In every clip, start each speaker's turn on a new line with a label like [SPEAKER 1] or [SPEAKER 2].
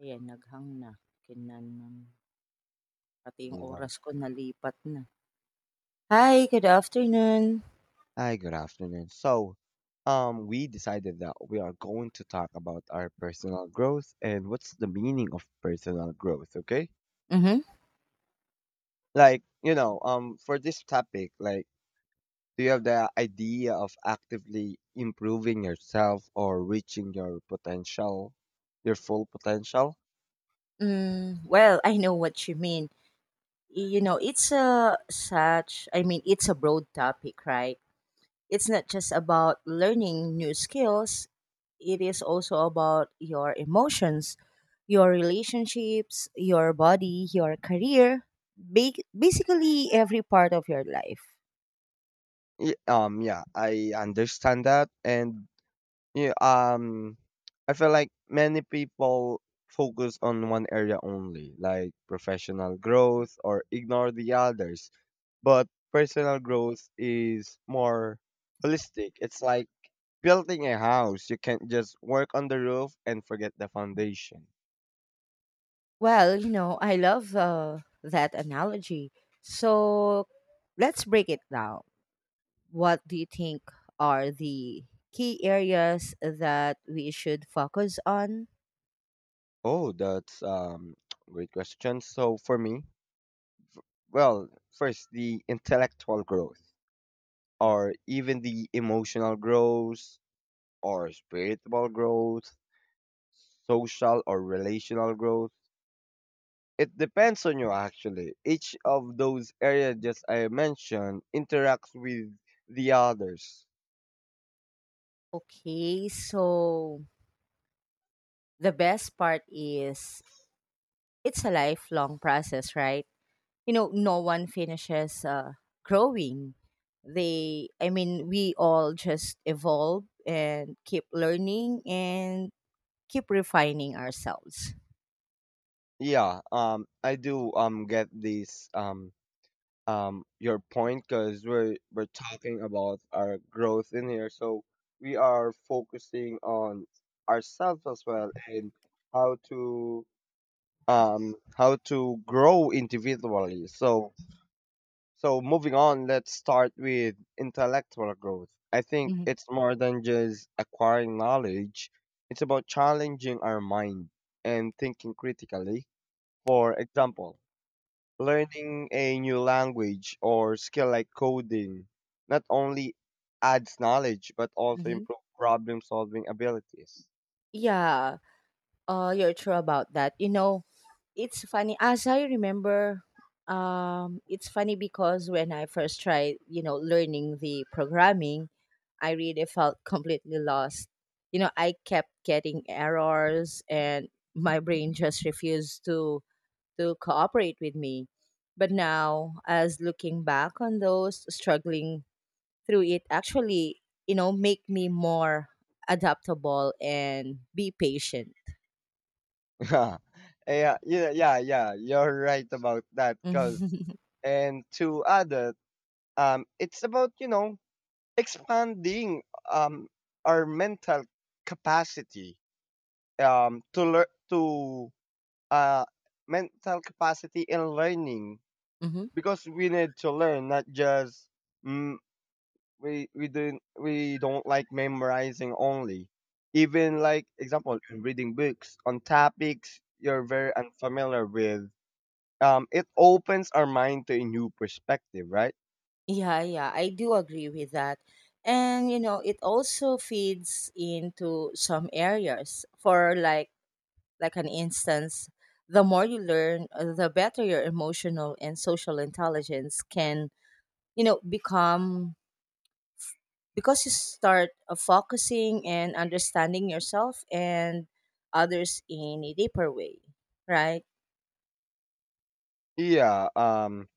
[SPEAKER 1] Ayan, naghang na. Kinanon pati yung
[SPEAKER 2] With, um,
[SPEAKER 1] oras ko nalipat na. Hi, good afternoon.
[SPEAKER 2] Hi, good afternoon. So, we decided that we are going to talk about our personal growth and what's the meaning of personal growth, okay?
[SPEAKER 1] Mhm.
[SPEAKER 2] For this topic, like, do you have the idea of actively improving yourself or reaching your potential, your full potential?
[SPEAKER 1] Hmm, well, I know what you mean. You know, it's a such I mean, it's a broad topic, right? It's not just about learning new skills. It is also about your emotions, your relationships, your body, your career, basically every part of your life.
[SPEAKER 2] Yeah, I understand that, and Yeah, um, I feel like many people focus on one area only, like professional growth, or ignore the others. But personal growth is more holistic. It's like building a house. You can't just work on the roof and forget the foundation.
[SPEAKER 1] Well, you know, I love that analogy. So let's break it down. What do you think are the key areas that we should focus on?
[SPEAKER 2] Oh, that's great question. So for me, well, first the intellectual growth, or even the emotional growth, or spiritual growth, social or relational growth. It depends on you actually. Each of those areas just I mentioned interacts with the others.
[SPEAKER 1] Okay, so the best part is it's a lifelong process, right? You know, no one finishes growing. I mean, we all just evolve and keep learning and keep refining ourselves.
[SPEAKER 2] Yeah, I do get this your point because we're talking about our growth in here. So we are focusing on ourselves as well and how to how to grow individually. So, moving on, let's start with intellectual growth. I think
[SPEAKER 1] Mm-hmm.
[SPEAKER 2] it's more than just acquiring knowledge. It's about challenging our mind and thinking critically. For example, learning a new language or skill like coding not only adds knowledge but also
[SPEAKER 1] Mm-hmm.
[SPEAKER 2] improves problem solving abilities.
[SPEAKER 1] Yeah, you're true about that. You know, It's funny as I remember it's funny because when I first tried, you know, learning the programming, I really felt completely lost. You know, I kept getting errors and my brain just refused to cooperate with me. But now as looking back on those struggling through it actually, you know, make me more adaptable and be patient.
[SPEAKER 2] yeah, yeah. You're right about that. Cause And to add it, it's about expanding um our mental capacity to learn to uh mental capacity and learning,
[SPEAKER 1] Mhm.
[SPEAKER 2] because we need to learn not just mm, we don't like memorizing only, even like, example, reading books on topics you're very unfamiliar with, it opens our mind to a new perspective, right?
[SPEAKER 1] Yeah, yeah, I do agree with that. And you know, it also feeds into some areas. For like an instance, the more you learn, the better your emotional and social intelligence can, you know, become because you start focusing and understanding yourself and others in a deeper way, right?
[SPEAKER 2] yeah um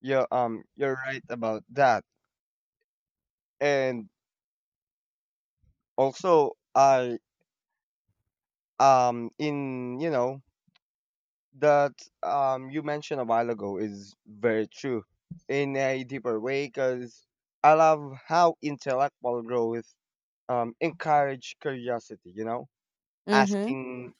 [SPEAKER 2] yeah um you're right about that. And also, I in you know that you mentioned a while ago is very true, in a deeper way, because I love how intellectual growth encourage curiosity. You know,
[SPEAKER 1] Mm-hmm.
[SPEAKER 2] asking,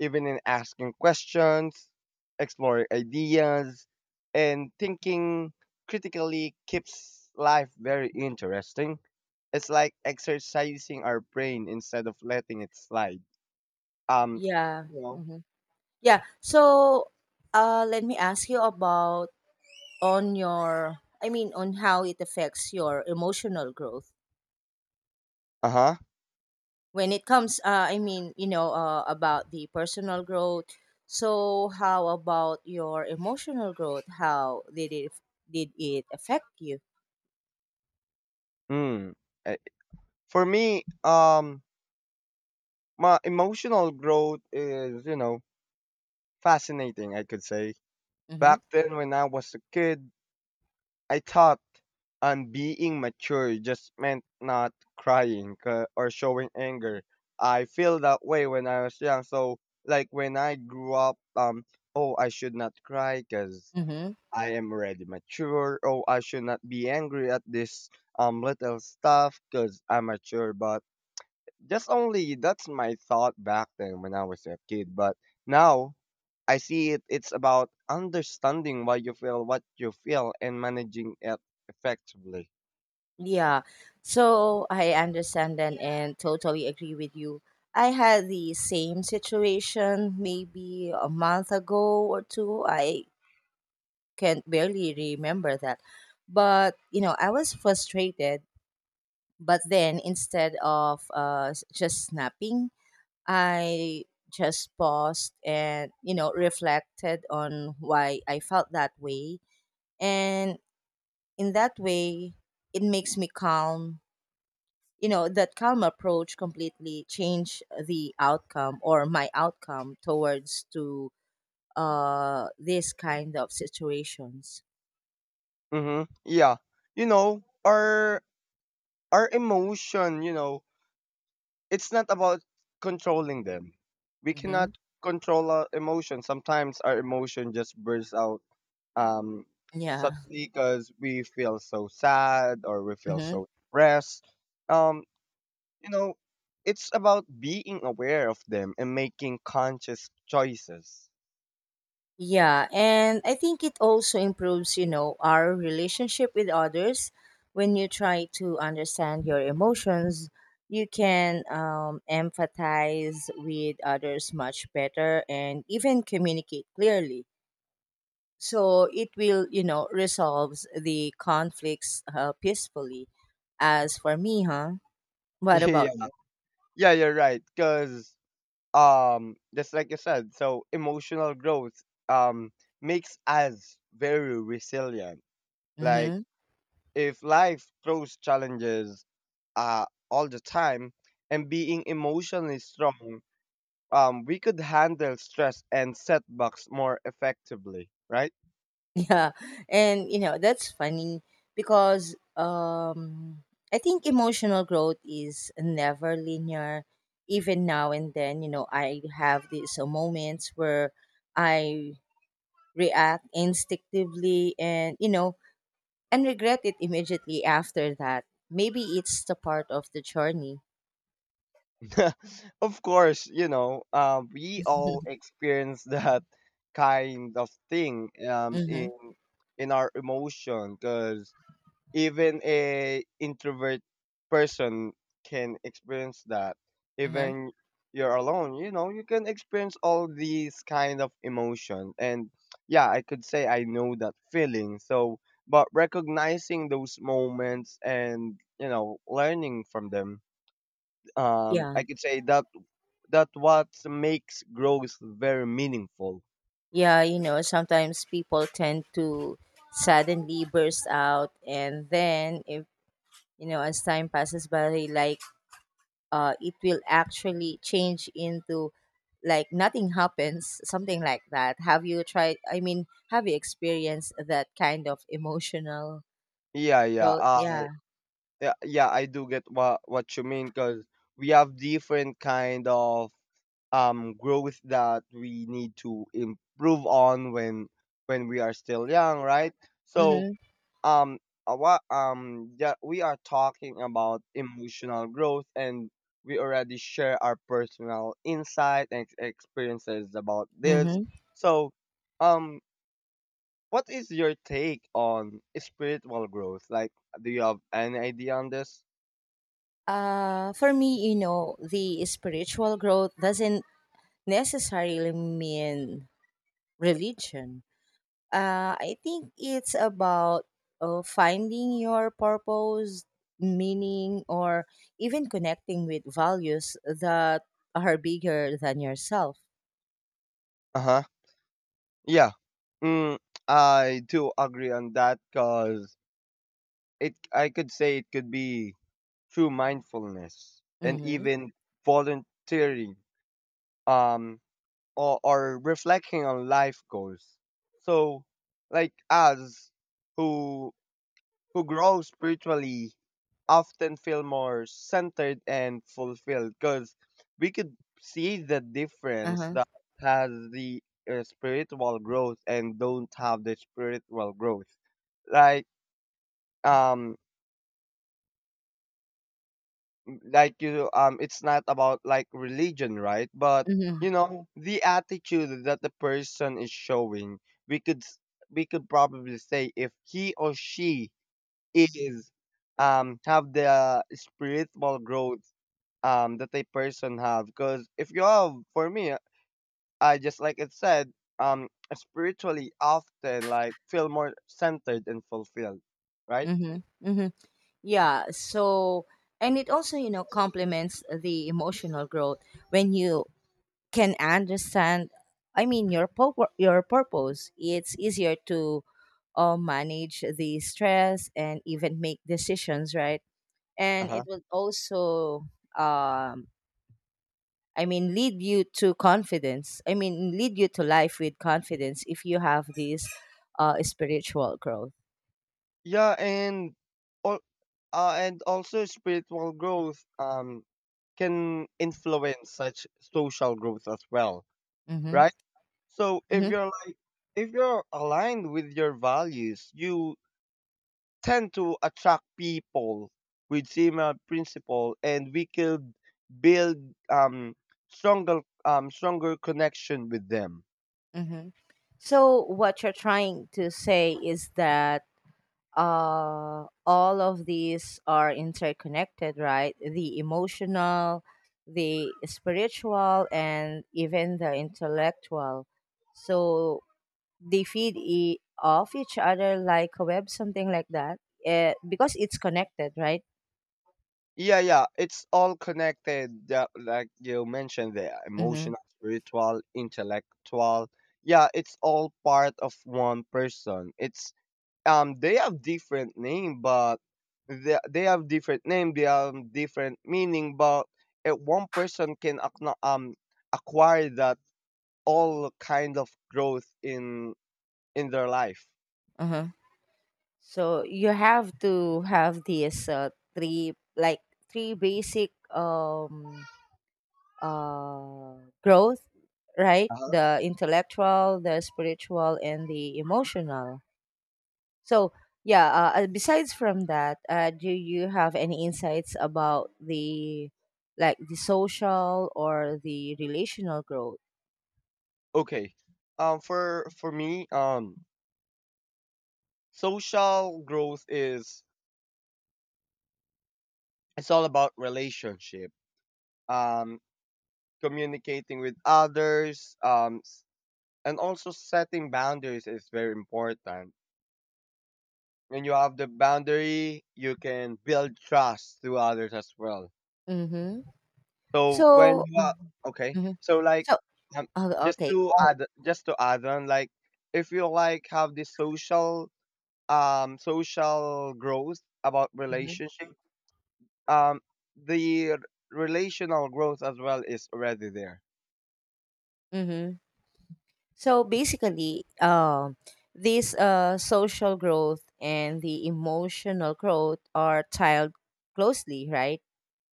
[SPEAKER 2] even in asking questions, exploring ideas, and thinking critically keeps life very interesting. It's like exercising our brain instead of letting it slide. Um
[SPEAKER 1] Yeah.
[SPEAKER 2] you know.
[SPEAKER 1] Hmm. Yeah. So, let me ask you about on your i mean, on how it affects your emotional growth.
[SPEAKER 2] Uh-huh.
[SPEAKER 1] When it comes, I mean, you know, about the personal growth, so how about your emotional growth? How did it affect you?
[SPEAKER 2] Mm. Eh, For me, my emotional growth is, you know, fascinating, I could say.
[SPEAKER 1] Mm-hmm.
[SPEAKER 2] Back then when I was a kid, I thought being mature just meant not crying or showing anger. I feel that way when I was young. So like when I grew up, oh, I should not cry because
[SPEAKER 1] Mm-hmm.
[SPEAKER 2] I am already mature. Oh, I should not be angry at this little stuff because I'm mature. But just only that's my thought back then when I was a kid. But now I see it. It's about understanding why you feel what you feel and managing it effectively.
[SPEAKER 1] Yeah, so I understand then and totally agree with you. I had the same situation maybe a month ago or two. I can barely remember that. But, you know, I was frustrated. But then instead of just snapping, I just paused and, you know, reflected on why I felt that way. And in that way, it makes me calm. You know, that calm approach completely changed the outcome or my outcome towards to, these kind of situations.
[SPEAKER 2] Mm-hmm. Yeah, you know, our emotion. You know, it's not about controlling them. We
[SPEAKER 1] Mm-hmm.
[SPEAKER 2] cannot control our emotion. Sometimes our emotion just bursts out um
[SPEAKER 1] Yeah.
[SPEAKER 2] suddenly because we feel so sad or we feel
[SPEAKER 1] Mm-hmm.
[SPEAKER 2] so depressed. um you know, it's about being aware of them and making conscious choices.
[SPEAKER 1] Yeah, and I think it also improves, you know, our relationship with others. When you try to understand your emotions, you can, empathize with others much better and even communicate clearly. So it will, you know, resolves the conflicts, peacefully. As for me, huh? What about
[SPEAKER 2] yeah
[SPEAKER 1] you?
[SPEAKER 2] yeah, you're right, because, just like you said, so emotional growth um makes us very resilient. Like,
[SPEAKER 1] Mm-hmm.
[SPEAKER 2] if life throws challenges all the time, and being emotionally strong, we could handle stress and setbacks more effectively, right?
[SPEAKER 1] Yeah, and you know that's funny because, I think emotional growth is never linear. Even now and then, you know, I have these moments where I react instinctively and you know and regret it immediately after that. Maybe it's the part of the journey.
[SPEAKER 2] Of course, you know, we all experience that kind of thing um,
[SPEAKER 1] Mm-hmm.
[SPEAKER 2] in in our emotion, because even a introvert person can experience that.
[SPEAKER 1] Uh-huh.
[SPEAKER 2] Even you're alone, you know, you can experience all these kind of emotion. And yeah, I could say I know that feeling. So, but recognizing those moments and you know learning from them,
[SPEAKER 1] Yeah.
[SPEAKER 2] I could say that that what makes growth very meaningful.
[SPEAKER 1] Yeah, you know, sometimes people tend to suddenly burst out, and then if as time passes by, like, it will actually change into like nothing happens, something like that. Have you tried i mean have you experienced that kind of emotional
[SPEAKER 2] Yeah, yeah.
[SPEAKER 1] growth?
[SPEAKER 2] Uh,
[SPEAKER 1] Yeah.
[SPEAKER 2] Yeah, yeah, I do get what you mean, because we have different kind of growth that we need to improve on when we are still young, right? So
[SPEAKER 1] Mm-hmm.
[SPEAKER 2] um what yeah, we are talking about emotional growth and we already share our personal insight and experiences about this.
[SPEAKER 1] Mm-hmm.
[SPEAKER 2] So um what is your take on spiritual growth? Like, do you have any idea on this?
[SPEAKER 1] For me, you know, the spiritual growth doesn't necessarily mean religion. I think it's about, finding your purpose, meaning, or even connecting with values that are bigger than yourself.
[SPEAKER 2] Uh-huh. Yeah. Mm, I do agree on that, because it, I could say, it could be through mindfulness and
[SPEAKER 1] Mm-hmm.
[SPEAKER 2] even volunteering um or reflecting on life goals. So, like us who who grow spiritually often feel more centered and fulfilled, because we could see the difference
[SPEAKER 1] Uh-huh.
[SPEAKER 2] that has the spiritual growth and don't have the spiritual growth. like um like you, it's not about like religion, right? But
[SPEAKER 1] Mm-hmm.
[SPEAKER 2] you know, the attitude that the person is showing, we could s- we could probably say if he or she is have the spiritual growth, that a person have. Because if you have, for me, I just like it said, um spiritually often like feel more centered and fulfilled, right?
[SPEAKER 1] Mm-hmm. Mm-hmm. Yeah. So, and it also, you know, complements the emotional growth when you can understand. I mean, your purpose. It's easier to, manage the stress and even make decisions, right? And it
[SPEAKER 2] Uh-huh.
[SPEAKER 1] will also, um I mean, lead you to confidence. I mean, lead you to life with confidence if you have this spiritual growth.
[SPEAKER 2] Yeah and all uh, and also spiritual growth can influence such social growth as well,
[SPEAKER 1] Mm-hmm.
[SPEAKER 2] right? So if
[SPEAKER 1] Mm-hmm.
[SPEAKER 2] you're like, if you're aligned with your values, you tend to attract people with similar principle, and we could build um, stronger connection with them.
[SPEAKER 1] Mm-hmm. So what you're trying to say is that, all of these are interconnected, right? The emotional, the spiritual, and even the intellectual. So they feed off each other like a web, something like that. Because it's connected, right?
[SPEAKER 2] Yeah, yeah, it's all connected. Yeah, like you mentioned, the
[SPEAKER 1] Mm-hmm.
[SPEAKER 2] emotional, spiritual, intellectual. Yeah, it's all part of one person. It's they have different name. They have different meaning, but one person can acquire that all kind of growth in their life.
[SPEAKER 1] Uh-huh. So you have to have these, three basic, uh growth, right?
[SPEAKER 2] Uh-huh.
[SPEAKER 1] The intellectual, the spiritual, and the emotional. So yeah. Besides from that, do you have any insights about the social or the relational growth?
[SPEAKER 2] Okay. For me, social growth is it's all about relationship. Um Communicating with others, and also setting boundaries is very important. When you have the boundary, you can build trust to others as well.
[SPEAKER 1] Mhm.
[SPEAKER 2] So when
[SPEAKER 1] So,
[SPEAKER 2] you are
[SPEAKER 1] Mhm,
[SPEAKER 2] okay,
[SPEAKER 1] mhm.
[SPEAKER 2] so like
[SPEAKER 1] So,
[SPEAKER 2] um,
[SPEAKER 1] oh,
[SPEAKER 2] just
[SPEAKER 1] okay,
[SPEAKER 2] to
[SPEAKER 1] go.
[SPEAKER 2] add, on, like, if you like have this social social growth about
[SPEAKER 1] Mhm,
[SPEAKER 2] relationship, um the r- relational growth as well is already there.
[SPEAKER 1] mhm. So basically, this, social growth and the emotional growth are tied closely, right?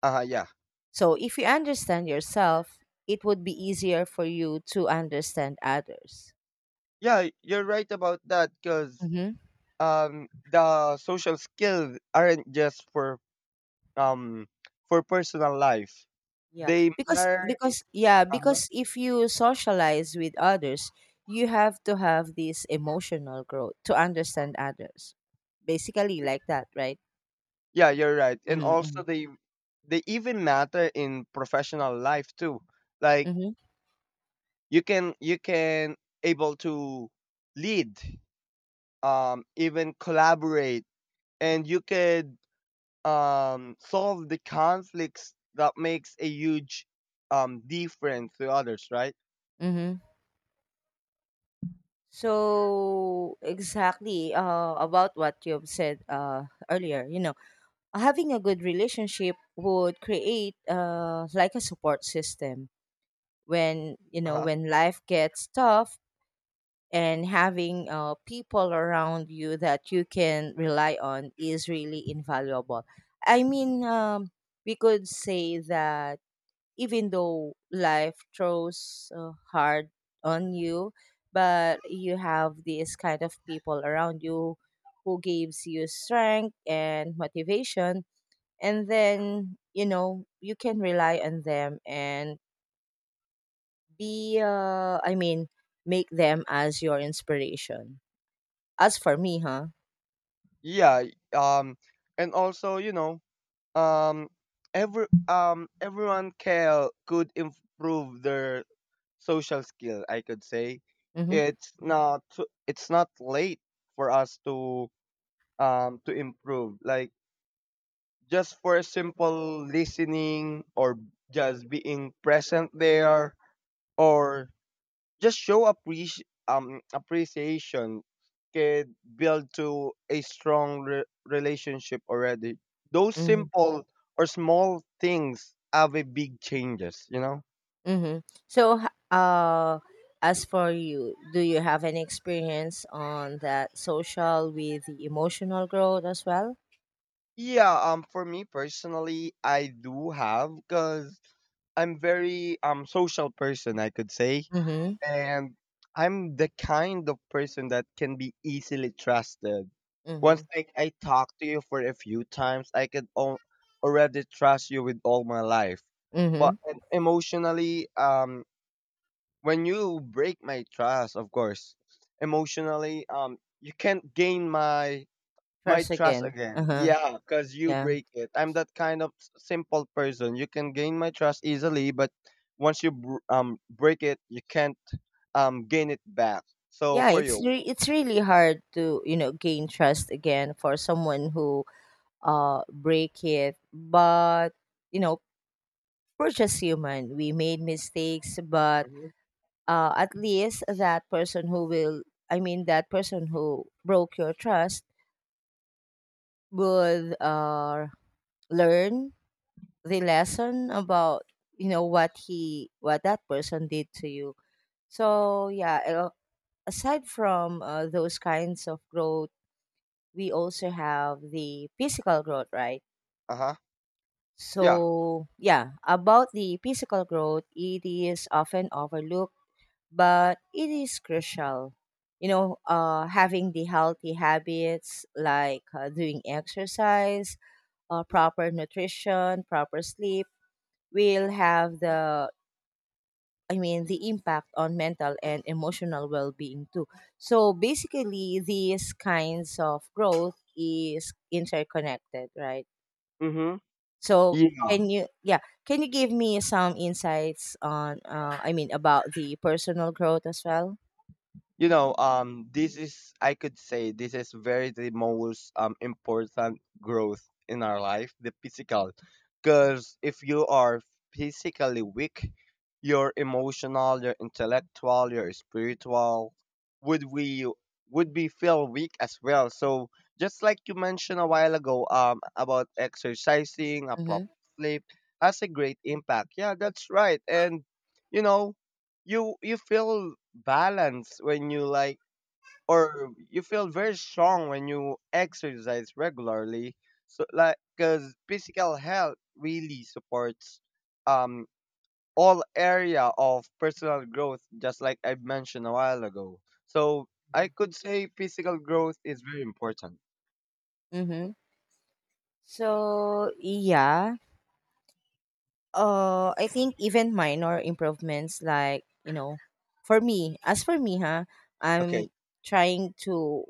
[SPEAKER 2] Yeah.
[SPEAKER 1] So if you understand yourself, it would be easier for you to understand others.
[SPEAKER 2] Yeah, you're right about that, because the social skills aren't just um for personal life.
[SPEAKER 1] Yeah,
[SPEAKER 2] They are,
[SPEAKER 1] because yeah,
[SPEAKER 2] uh-huh,
[SPEAKER 1] because if you socialize with others, you have to have this emotional growth to understand others. Basically, like that, right?
[SPEAKER 2] yeah, you're right. And
[SPEAKER 1] Mm-hmm,
[SPEAKER 2] also they even matter in professional life too. Like,
[SPEAKER 1] mm-hmm,
[SPEAKER 2] you can able to lead, even collaborate, and you could solve the conflicts that makes a huge difference to others, right?
[SPEAKER 1] mm-hmm. So exactly, about what you've said, earlier, you know, having a good relationship would create, like a support system when you know
[SPEAKER 2] Uh-huh.
[SPEAKER 1] when life gets tough, and having, people around you that you can rely on is really invaluable. I mean, we could say that even though life throws, hard on you, but you have these kind of people around you who gives you strength and motivation, and then you know you can rely on them and be. I mean, make them as your inspiration. As for me, huh?
[SPEAKER 2] Yeah. Um and also, you know, um everyone can could improve their social skill, I could say.
[SPEAKER 1] Mhm.
[SPEAKER 2] It's not it's not late for us to improve. Like just for a simple listening, or just being present there, or just show appreciation can build to a strong relationship already. Those
[SPEAKER 1] Mhm.
[SPEAKER 2] simple or small things have a big changes, you know?
[SPEAKER 1] Mhm. So, h- as for you, do you have any experience on that social with the emotional growth as well?
[SPEAKER 2] Yeah, for me personally, I do have, because I'm very social person, I could say,
[SPEAKER 1] Mhm.
[SPEAKER 2] and I'm the kind of person that can be easily trusted. Once
[SPEAKER 1] Mhm.
[SPEAKER 2] like I talk to you for a few times, I can already trust you with all my life. But
[SPEAKER 1] Mhm.
[SPEAKER 2] and emotionally, when you break my trust, of course, emotionally, you can't gain my
[SPEAKER 1] Trust
[SPEAKER 2] trust
[SPEAKER 1] again.
[SPEAKER 2] again.
[SPEAKER 1] Uh-huh.
[SPEAKER 2] Yeah, because you
[SPEAKER 1] Yeah.
[SPEAKER 2] break it. I'm that kind of simple person. You can gain my trust easily, but once you break it, you can't gain it back. So
[SPEAKER 1] Yeah,
[SPEAKER 2] for
[SPEAKER 1] it's
[SPEAKER 2] you,
[SPEAKER 1] re- it's really hard to, you know, gain trust again for someone who break it, but you know, we're just human. We made mistakes, but,
[SPEAKER 2] hmm
[SPEAKER 1] at least that person who will, I mean, that person who broke your trust would, learn the lesson about what that person did to you. So yeah, aside from, those kinds of growth, we also have the physical growth, right?
[SPEAKER 2] uh huh, yeah,
[SPEAKER 1] So yeah, about the physical growth, it is often overlooked, but it is crucial. You know, having the healthy habits like, doing exercise, proper nutrition, proper sleep will have the I mean the impact on mental and emotional well-being too. So basically, these kinds of growth is interconnected, right?
[SPEAKER 2] mm-hmm,
[SPEAKER 1] So
[SPEAKER 2] yeah.
[SPEAKER 1] can you yeah can you give me some insights on, I mean, about the personal growth as well?
[SPEAKER 2] You know, this is, I could say, this is very the most important growth in our life, the physical. Because if you are physically weak, your emotional, your intellectual, your spiritual, would we would be feel weak as well. So just like you mentioned a while ago, about exercising, a proper
[SPEAKER 1] Mhm.
[SPEAKER 2] sleep, has a great impact, yeah, that's right. And you know, you feel balanced when you like, or you feel very strong when you exercise regularly. So like, because physical health really supports um all area of personal growth, just like I mentioned a while ago. So I
[SPEAKER 1] Mhm.
[SPEAKER 2] could say physical growth is very important.
[SPEAKER 1] Mhm. So yeah, I think even minor improvements like, for me as for me, huh,
[SPEAKER 2] Okay.
[SPEAKER 1] I'm trying to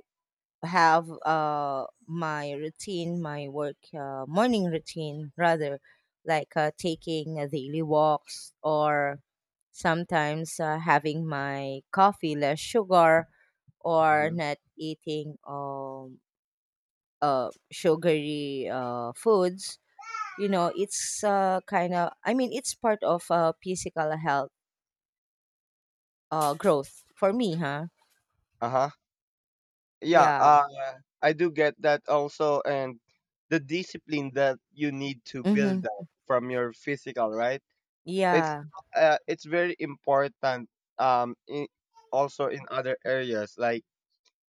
[SPEAKER 1] have, my work, morning routine rather, like, taking, daily walks, or sometimes, having my coffee less sugar, or
[SPEAKER 2] hmm
[SPEAKER 1] not eating, sugary foods. You know, it's, I mean, it's part of, physical health, growth for me, huh.
[SPEAKER 2] uh-huh yeah
[SPEAKER 1] Yeah.
[SPEAKER 2] uh I do get that also, and the discipline that you need to build
[SPEAKER 1] Mm-hmm.
[SPEAKER 2] up from your physical, right? It's
[SPEAKER 1] Yeah.
[SPEAKER 2] it's very important in, also in other areas like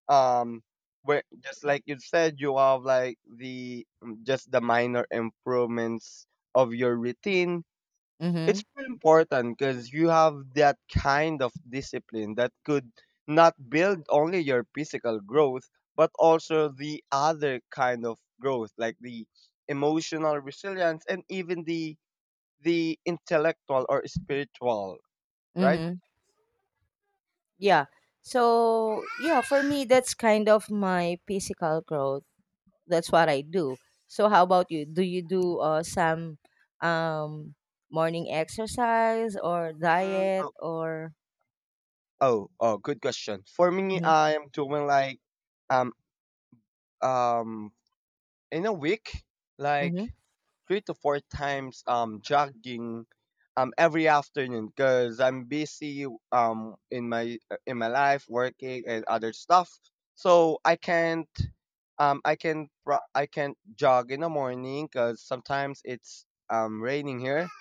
[SPEAKER 2] um where, just like you said, you have like the just the minor improvements of your routine.
[SPEAKER 1] Mm-hmm.
[SPEAKER 2] It's very important because you have that kind of discipline that could not build only your physical growth, but also the other kind of growth, like the emotional resilience and even the intellectual or spiritual, right?
[SPEAKER 1] Mm-hmm. Yeah. So yeah, for me, that's kind of my physical growth. That's what I do. So how about you? Do you do, some, um, morning exercise or
[SPEAKER 2] Mm,
[SPEAKER 1] diet
[SPEAKER 2] oh,
[SPEAKER 1] or
[SPEAKER 2] oh, good question. For me,
[SPEAKER 1] Mm-hmm.
[SPEAKER 2] I am doing like um um in a week,
[SPEAKER 1] Mm-hmm.
[SPEAKER 2] like three to four times jogging every afternoon because I'm busy in my life working and other stuff, so I can't I can I can't jog in the morning because sometimes it's raining here,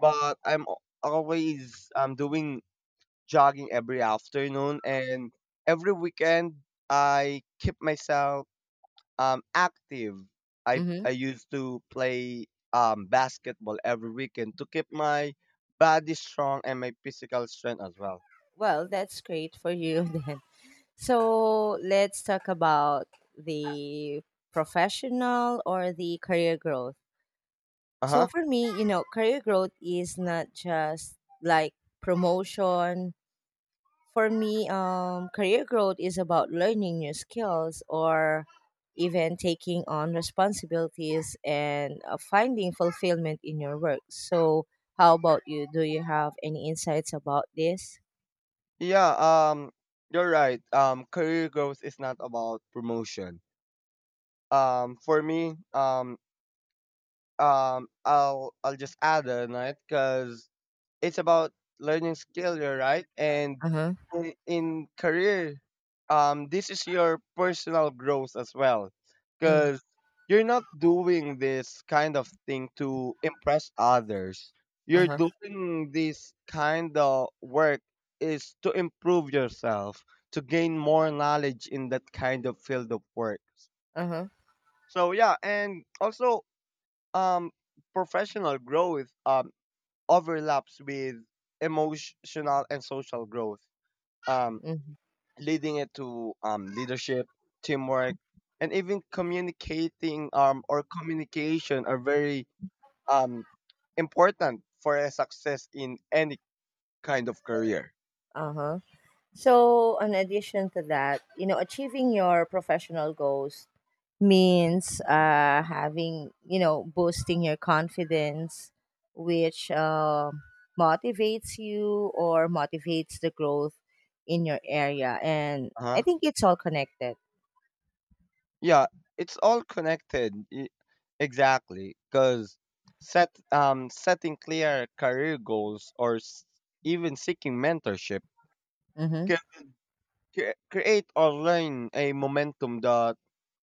[SPEAKER 2] but I'm always doing jogging every afternoon, and every weekend I keep myself active. I,
[SPEAKER 1] Mm-hmm.
[SPEAKER 2] I used to play basketball every weekend to keep my body strong and my physical strength as well.
[SPEAKER 1] Well, that's great for you then. So let's talk about the professional or the career growth. So
[SPEAKER 2] Uh-huh.
[SPEAKER 1] for me, you know, career growth is not just like promotion. For me, career growth is about learning new skills or even taking on responsibilities and, finding fulfillment in your work. So how about you? Do you have any insights about this?
[SPEAKER 2] Yeah, you're right. Career growth is not about promotion. For me, I'll just add on it, cuz it's about learning skill, you're right. And
[SPEAKER 1] Uh huh.
[SPEAKER 2] in career, this is your personal growth as well,
[SPEAKER 1] Mm.
[SPEAKER 2] because you're not doing this kind of thing to impress others.
[SPEAKER 1] Uh
[SPEAKER 2] You're
[SPEAKER 1] huh.
[SPEAKER 2] doing this kind of work is to improve yourself, to gain more knowledge in that kind of field of work.
[SPEAKER 1] Uh huh.
[SPEAKER 2] So yeah, and also um, professional growth overlaps with emotional and social growth, um,
[SPEAKER 1] Mm.
[SPEAKER 2] leading it to leadership, teamwork, and even communicating, or communication, are very um, important for a success in any kind of career.
[SPEAKER 1] Uh huh. So, in addition to that, you know, achieving your professional goals means, having, you know, boosting your confidence, which, motivates you or motivates the growth in your area. And I
[SPEAKER 2] Uh-huh.
[SPEAKER 1] think it's all connected.
[SPEAKER 2] Yeah, it's all connected. Exactly, because setting clear career goals or even seeking mentorship
[SPEAKER 1] Mm-hmm.
[SPEAKER 2] can create or learn a momentum that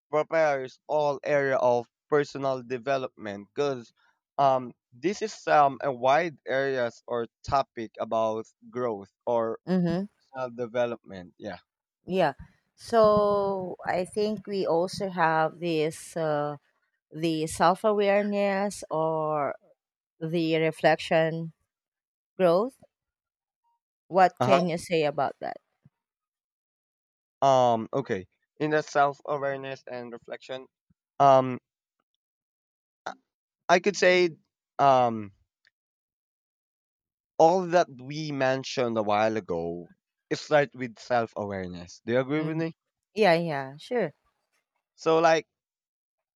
[SPEAKER 2] prepares all area of personal development. Because this is a wide areas or topic about growth or
[SPEAKER 1] Mm-hmm.
[SPEAKER 2] self development. Yeah.
[SPEAKER 1] Yeah. So, I think we also have this the self awareness or the reflection growth. What
[SPEAKER 2] Uh huh.
[SPEAKER 1] can you say about that?
[SPEAKER 2] Okay. In the self awareness and reflection. Um. I could say um all that we mentioned a while ago, it starts with self-awareness. Do you agree with
[SPEAKER 1] Mhm.
[SPEAKER 2] me?
[SPEAKER 1] Yeah, yeah, sure.
[SPEAKER 2] So like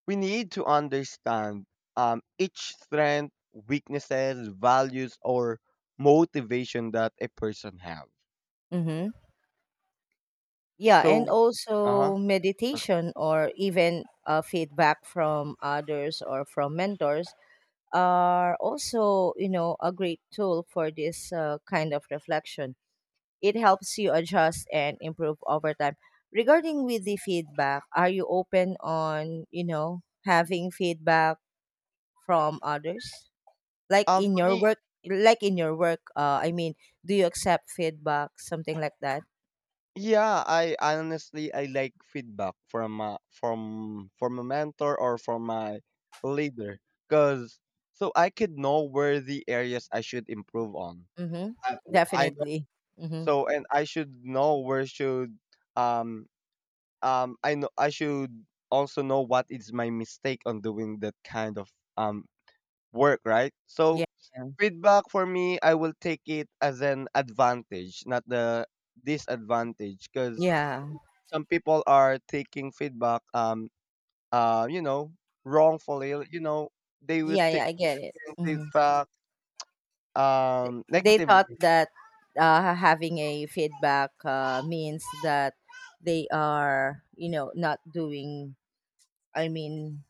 [SPEAKER 2] we need to understand each strength, weaknesses, values or motivation that a person have.
[SPEAKER 1] Mm-hmm. Yeah,
[SPEAKER 2] So
[SPEAKER 1] and
[SPEAKER 2] uh-huh.
[SPEAKER 1] also
[SPEAKER 2] Okay.
[SPEAKER 1] meditation or even, feedback from others or from mentors are also, you know, a great tool for this, kind of reflection. It helps you adjust and improve over time. Regarding with the feedback, are you open on, you know, having feedback from others? Like in
[SPEAKER 2] For
[SPEAKER 1] your
[SPEAKER 2] me.
[SPEAKER 1] work like in your work, I mean, do you accept feedback, something like that?
[SPEAKER 2] Yeah, I honestly, I like feedback from a mentor or from my leader, because so I could know where the areas I should improve on.
[SPEAKER 1] Mm-hmm.
[SPEAKER 2] I, I know,
[SPEAKER 1] Definitely. Mm-hmm.
[SPEAKER 2] so and I should know where should um I know I should also know what is my mistake on doing that kind of um work, right? So
[SPEAKER 1] Yeah.
[SPEAKER 2] feedback for me, I will take it as an advantage, not the disadvantage, because
[SPEAKER 1] Yeah.
[SPEAKER 2] some people are taking feedback you know, wrongfully, you know, they would
[SPEAKER 1] Yeah,
[SPEAKER 2] take
[SPEAKER 1] yeah, I get it. Mhm.
[SPEAKER 2] feedback
[SPEAKER 1] They thought
[SPEAKER 2] negatively.
[SPEAKER 1] that, having a feedback, means that they are, you know, not doing, I mean,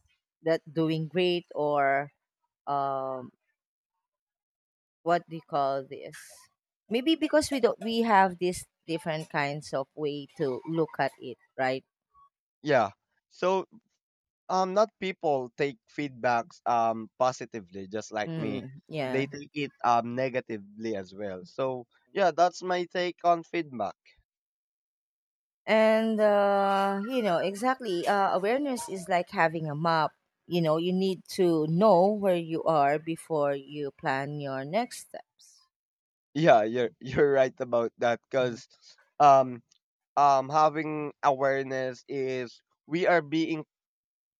[SPEAKER 1] that doing great or, um, what do you call this? Maybe because we don't, we have these different kinds of way to look at it, right?
[SPEAKER 2] Yeah, so not people take feedbacks positively just like me,
[SPEAKER 1] Mm, yeah.
[SPEAKER 2] they take it negatively as well. So yeah, that's my take on feedback.
[SPEAKER 1] And, you know, exactly. Awareness is like having a map. You know, you need to know where you are before you plan your next steps.
[SPEAKER 2] Yeah, you're you're right about that,
[SPEAKER 1] Hmm.
[SPEAKER 2] because um having awareness is we are being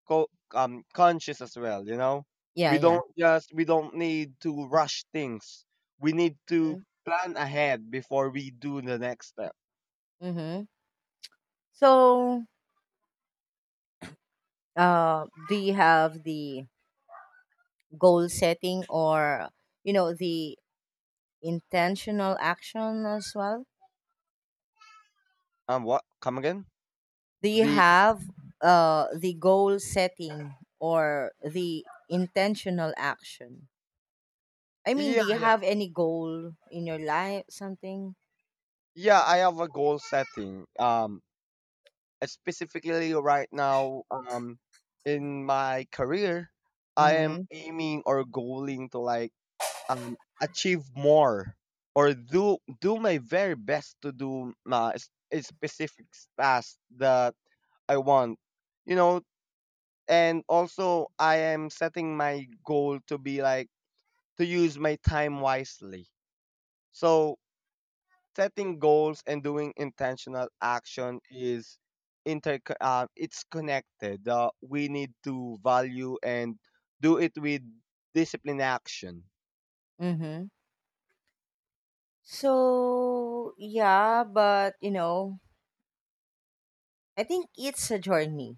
[SPEAKER 2] co- conscious as well, you know?
[SPEAKER 1] Yeah, yeah.
[SPEAKER 2] We don't need to rush things. We need to
[SPEAKER 1] Mm-hmm.
[SPEAKER 2] plan ahead before we do the next step.
[SPEAKER 1] Mm-hmm. So, do you have the goal setting or you know the intentional action as well?
[SPEAKER 2] Um, what? Come again?
[SPEAKER 1] Do you
[SPEAKER 2] The
[SPEAKER 1] have, the goal setting or the intentional action? I mean, do
[SPEAKER 2] yeah,
[SPEAKER 1] you
[SPEAKER 2] yeah.
[SPEAKER 1] have any goal in your life, something?
[SPEAKER 2] Yeah, I have a goal setting. Specifically right now, in my career, I am
[SPEAKER 1] Mm-hmm.
[SPEAKER 2] aiming or goaling to like achieve more, or do my very best to do my a specific task that I want, you know, and also I am setting my goal to be like to use my time wisely. So setting goals and doing intentional action is inter it's connected. We need to value and do it with discipline action.
[SPEAKER 1] Mm-hmm. So yeah, but you know, I think it's a journey,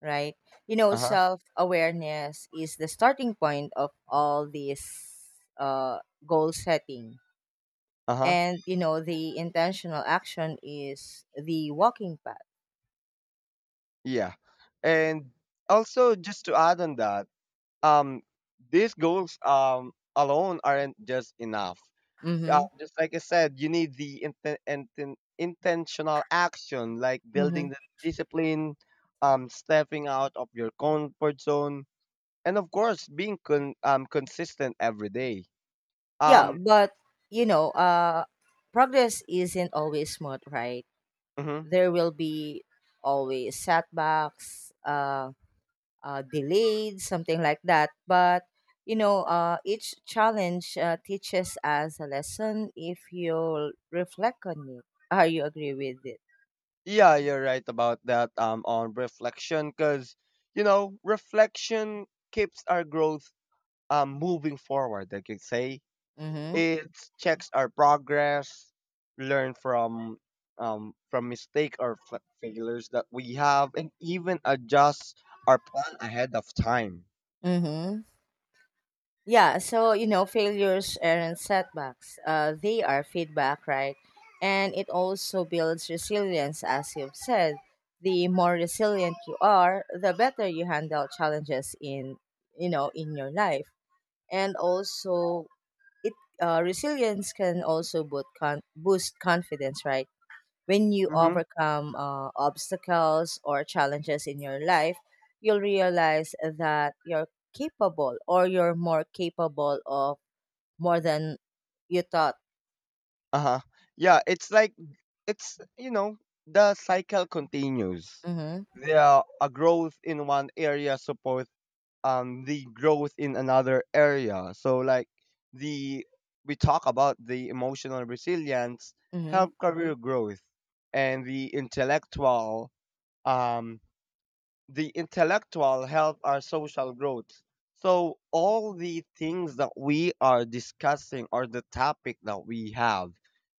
[SPEAKER 1] right? You know,
[SPEAKER 2] Uh-huh.
[SPEAKER 1] self awareness is the starting point of all this uh goal setting.
[SPEAKER 2] Uh-huh.
[SPEAKER 1] And you know, the intentional action is the walking path.
[SPEAKER 2] Yeah. And also, just to add on that, um these goals alone aren't just enough. Yeah,
[SPEAKER 1] Mm-hmm.
[SPEAKER 2] just like I said, you need the intentional action, like building
[SPEAKER 1] Mm-hmm.
[SPEAKER 2] the discipline, stepping out of your comfort zone, and of course being consistent every day.
[SPEAKER 1] Yeah,
[SPEAKER 2] Um,
[SPEAKER 1] but you know, progress isn't always smooth, right?
[SPEAKER 2] mhm.
[SPEAKER 1] There will be always setbacks, delayed, something like that. But you know, each challenge, teaches us a lesson if you reflect on it. How you agree with it?
[SPEAKER 2] Yeah, you're right about that. On reflection, because you know, reflection keeps our growth moving forward. I could say
[SPEAKER 1] Mm-hmm.
[SPEAKER 2] it checks our progress, learn from mistake or failures that we have, and even adjust our plan ahead of time.
[SPEAKER 1] Mm-hmm. Yeah, so you know, failures aren't setbacks. They are feedback, right? And it also builds resilience, as you've said. The more resilient you are, the better you handle challenges in your life. And also, it resilience can also boost confidence, right? When you
[SPEAKER 2] Mm-hmm.
[SPEAKER 1] overcome, obstacles or challenges in your life, you'll realize that you're capable or you're more capable of more than you thought.
[SPEAKER 2] Uh huh. Yeah, it's like, it's, you know, the cycle continues.
[SPEAKER 1] Mm-hmm,
[SPEAKER 2] There a growth in one area supports the growth in another area. So like the we talk about the emotional resilience
[SPEAKER 1] mm-hmm,
[SPEAKER 2] help career growth and the intellectual, um the intellectual help our social growth. So all the things that we are discussing, or the topic that we have,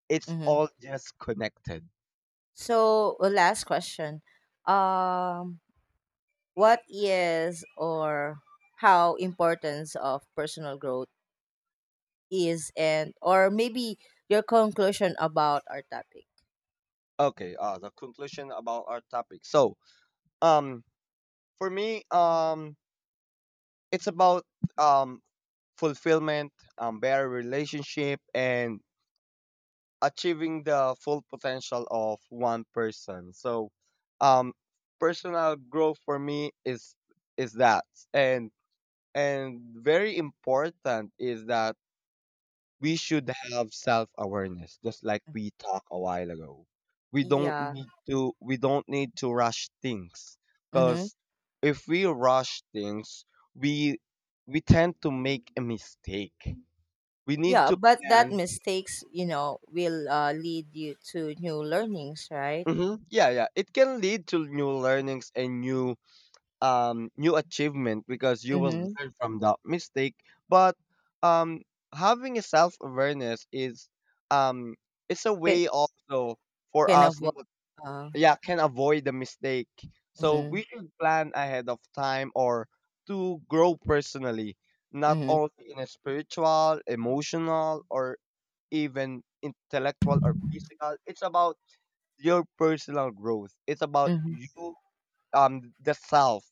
[SPEAKER 2] it's
[SPEAKER 1] mm-hmm.
[SPEAKER 2] all just connected.
[SPEAKER 1] So, last question. Um, what is or How importance of personal growth is, and or maybe your conclusion about our topic.
[SPEAKER 2] Okay, the conclusion about our topic. So um for me, it's about um fulfillment, better relationship, and achieving the full potential of one person. So, um, personal growth for me is that, and and very important is that we should have self awareness, just like
[SPEAKER 1] Mm.
[SPEAKER 2] we talked a while ago.
[SPEAKER 1] Yeah.
[SPEAKER 2] We don't need to rush things,
[SPEAKER 1] Mm-hmm.
[SPEAKER 2] because if we rush things, we we tend to make a mistake. We need
[SPEAKER 1] Yeah,
[SPEAKER 2] to
[SPEAKER 1] but that
[SPEAKER 2] plan.
[SPEAKER 1] mistakes, you know, will, lead you to new learnings, right?
[SPEAKER 2] Mhm. Yeah, yeah. It can lead to new learnings and new new achievement, because you will
[SPEAKER 1] Mm-hmm.
[SPEAKER 2] learn from that mistake. But um having a self awareness is um it's a
[SPEAKER 1] Can,
[SPEAKER 2] way also for
[SPEAKER 1] can
[SPEAKER 2] us
[SPEAKER 1] avoid. Uh,
[SPEAKER 2] yeah, can avoid the mistake. So
[SPEAKER 1] mm-hmm,
[SPEAKER 2] we should plan ahead of time, or to grow personally, not
[SPEAKER 1] mm-hmm,
[SPEAKER 2] only in a spiritual, emotional, or even intellectual or physical. It's about your personal growth. It's about
[SPEAKER 1] mm-hmm.
[SPEAKER 2] you, um, the self,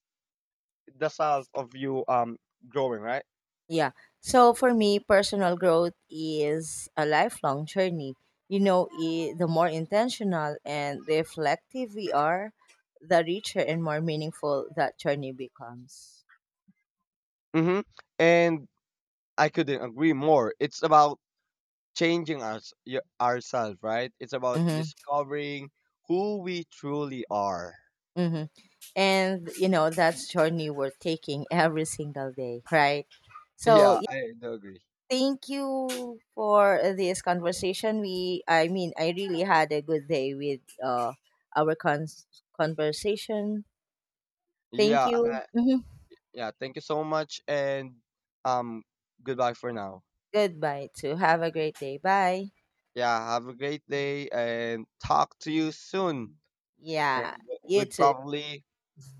[SPEAKER 2] the self of you, growing, right?
[SPEAKER 1] Yeah. So for me, personal growth is a lifelong journey. You know, I the more intentional and reflective we are, the richer and more meaningful that journey becomes.
[SPEAKER 2] Mm-hmm. And I couldn't agree more. It's about changing us, ourselves, right? It's about
[SPEAKER 1] Mm-hmm,
[SPEAKER 2] discovering who we truly are.
[SPEAKER 1] mm-hmm. And, you know, that's journey we're taking every single day, right? So,
[SPEAKER 2] Yeah, I do agree.
[SPEAKER 1] thank you for this conversation. I mean, I really had a good day with, our cons conversation.
[SPEAKER 2] Yeah,
[SPEAKER 1] Thank you. Hmm.
[SPEAKER 2] yeah. Thank you so much, and um, goodbye for now.
[SPEAKER 1] Goodbye. To have a great day. Bye.
[SPEAKER 2] Yeah, have a great day, and talk to you soon, and
[SPEAKER 1] Yeah. You
[SPEAKER 2] with
[SPEAKER 1] too.
[SPEAKER 2] probably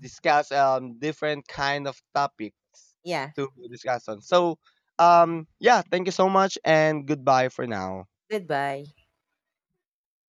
[SPEAKER 2] discuss different kind of topics
[SPEAKER 1] Yeah.
[SPEAKER 2] to discuss on. So um, yeah, thank you so much and goodbye for now.
[SPEAKER 1] Goodbye.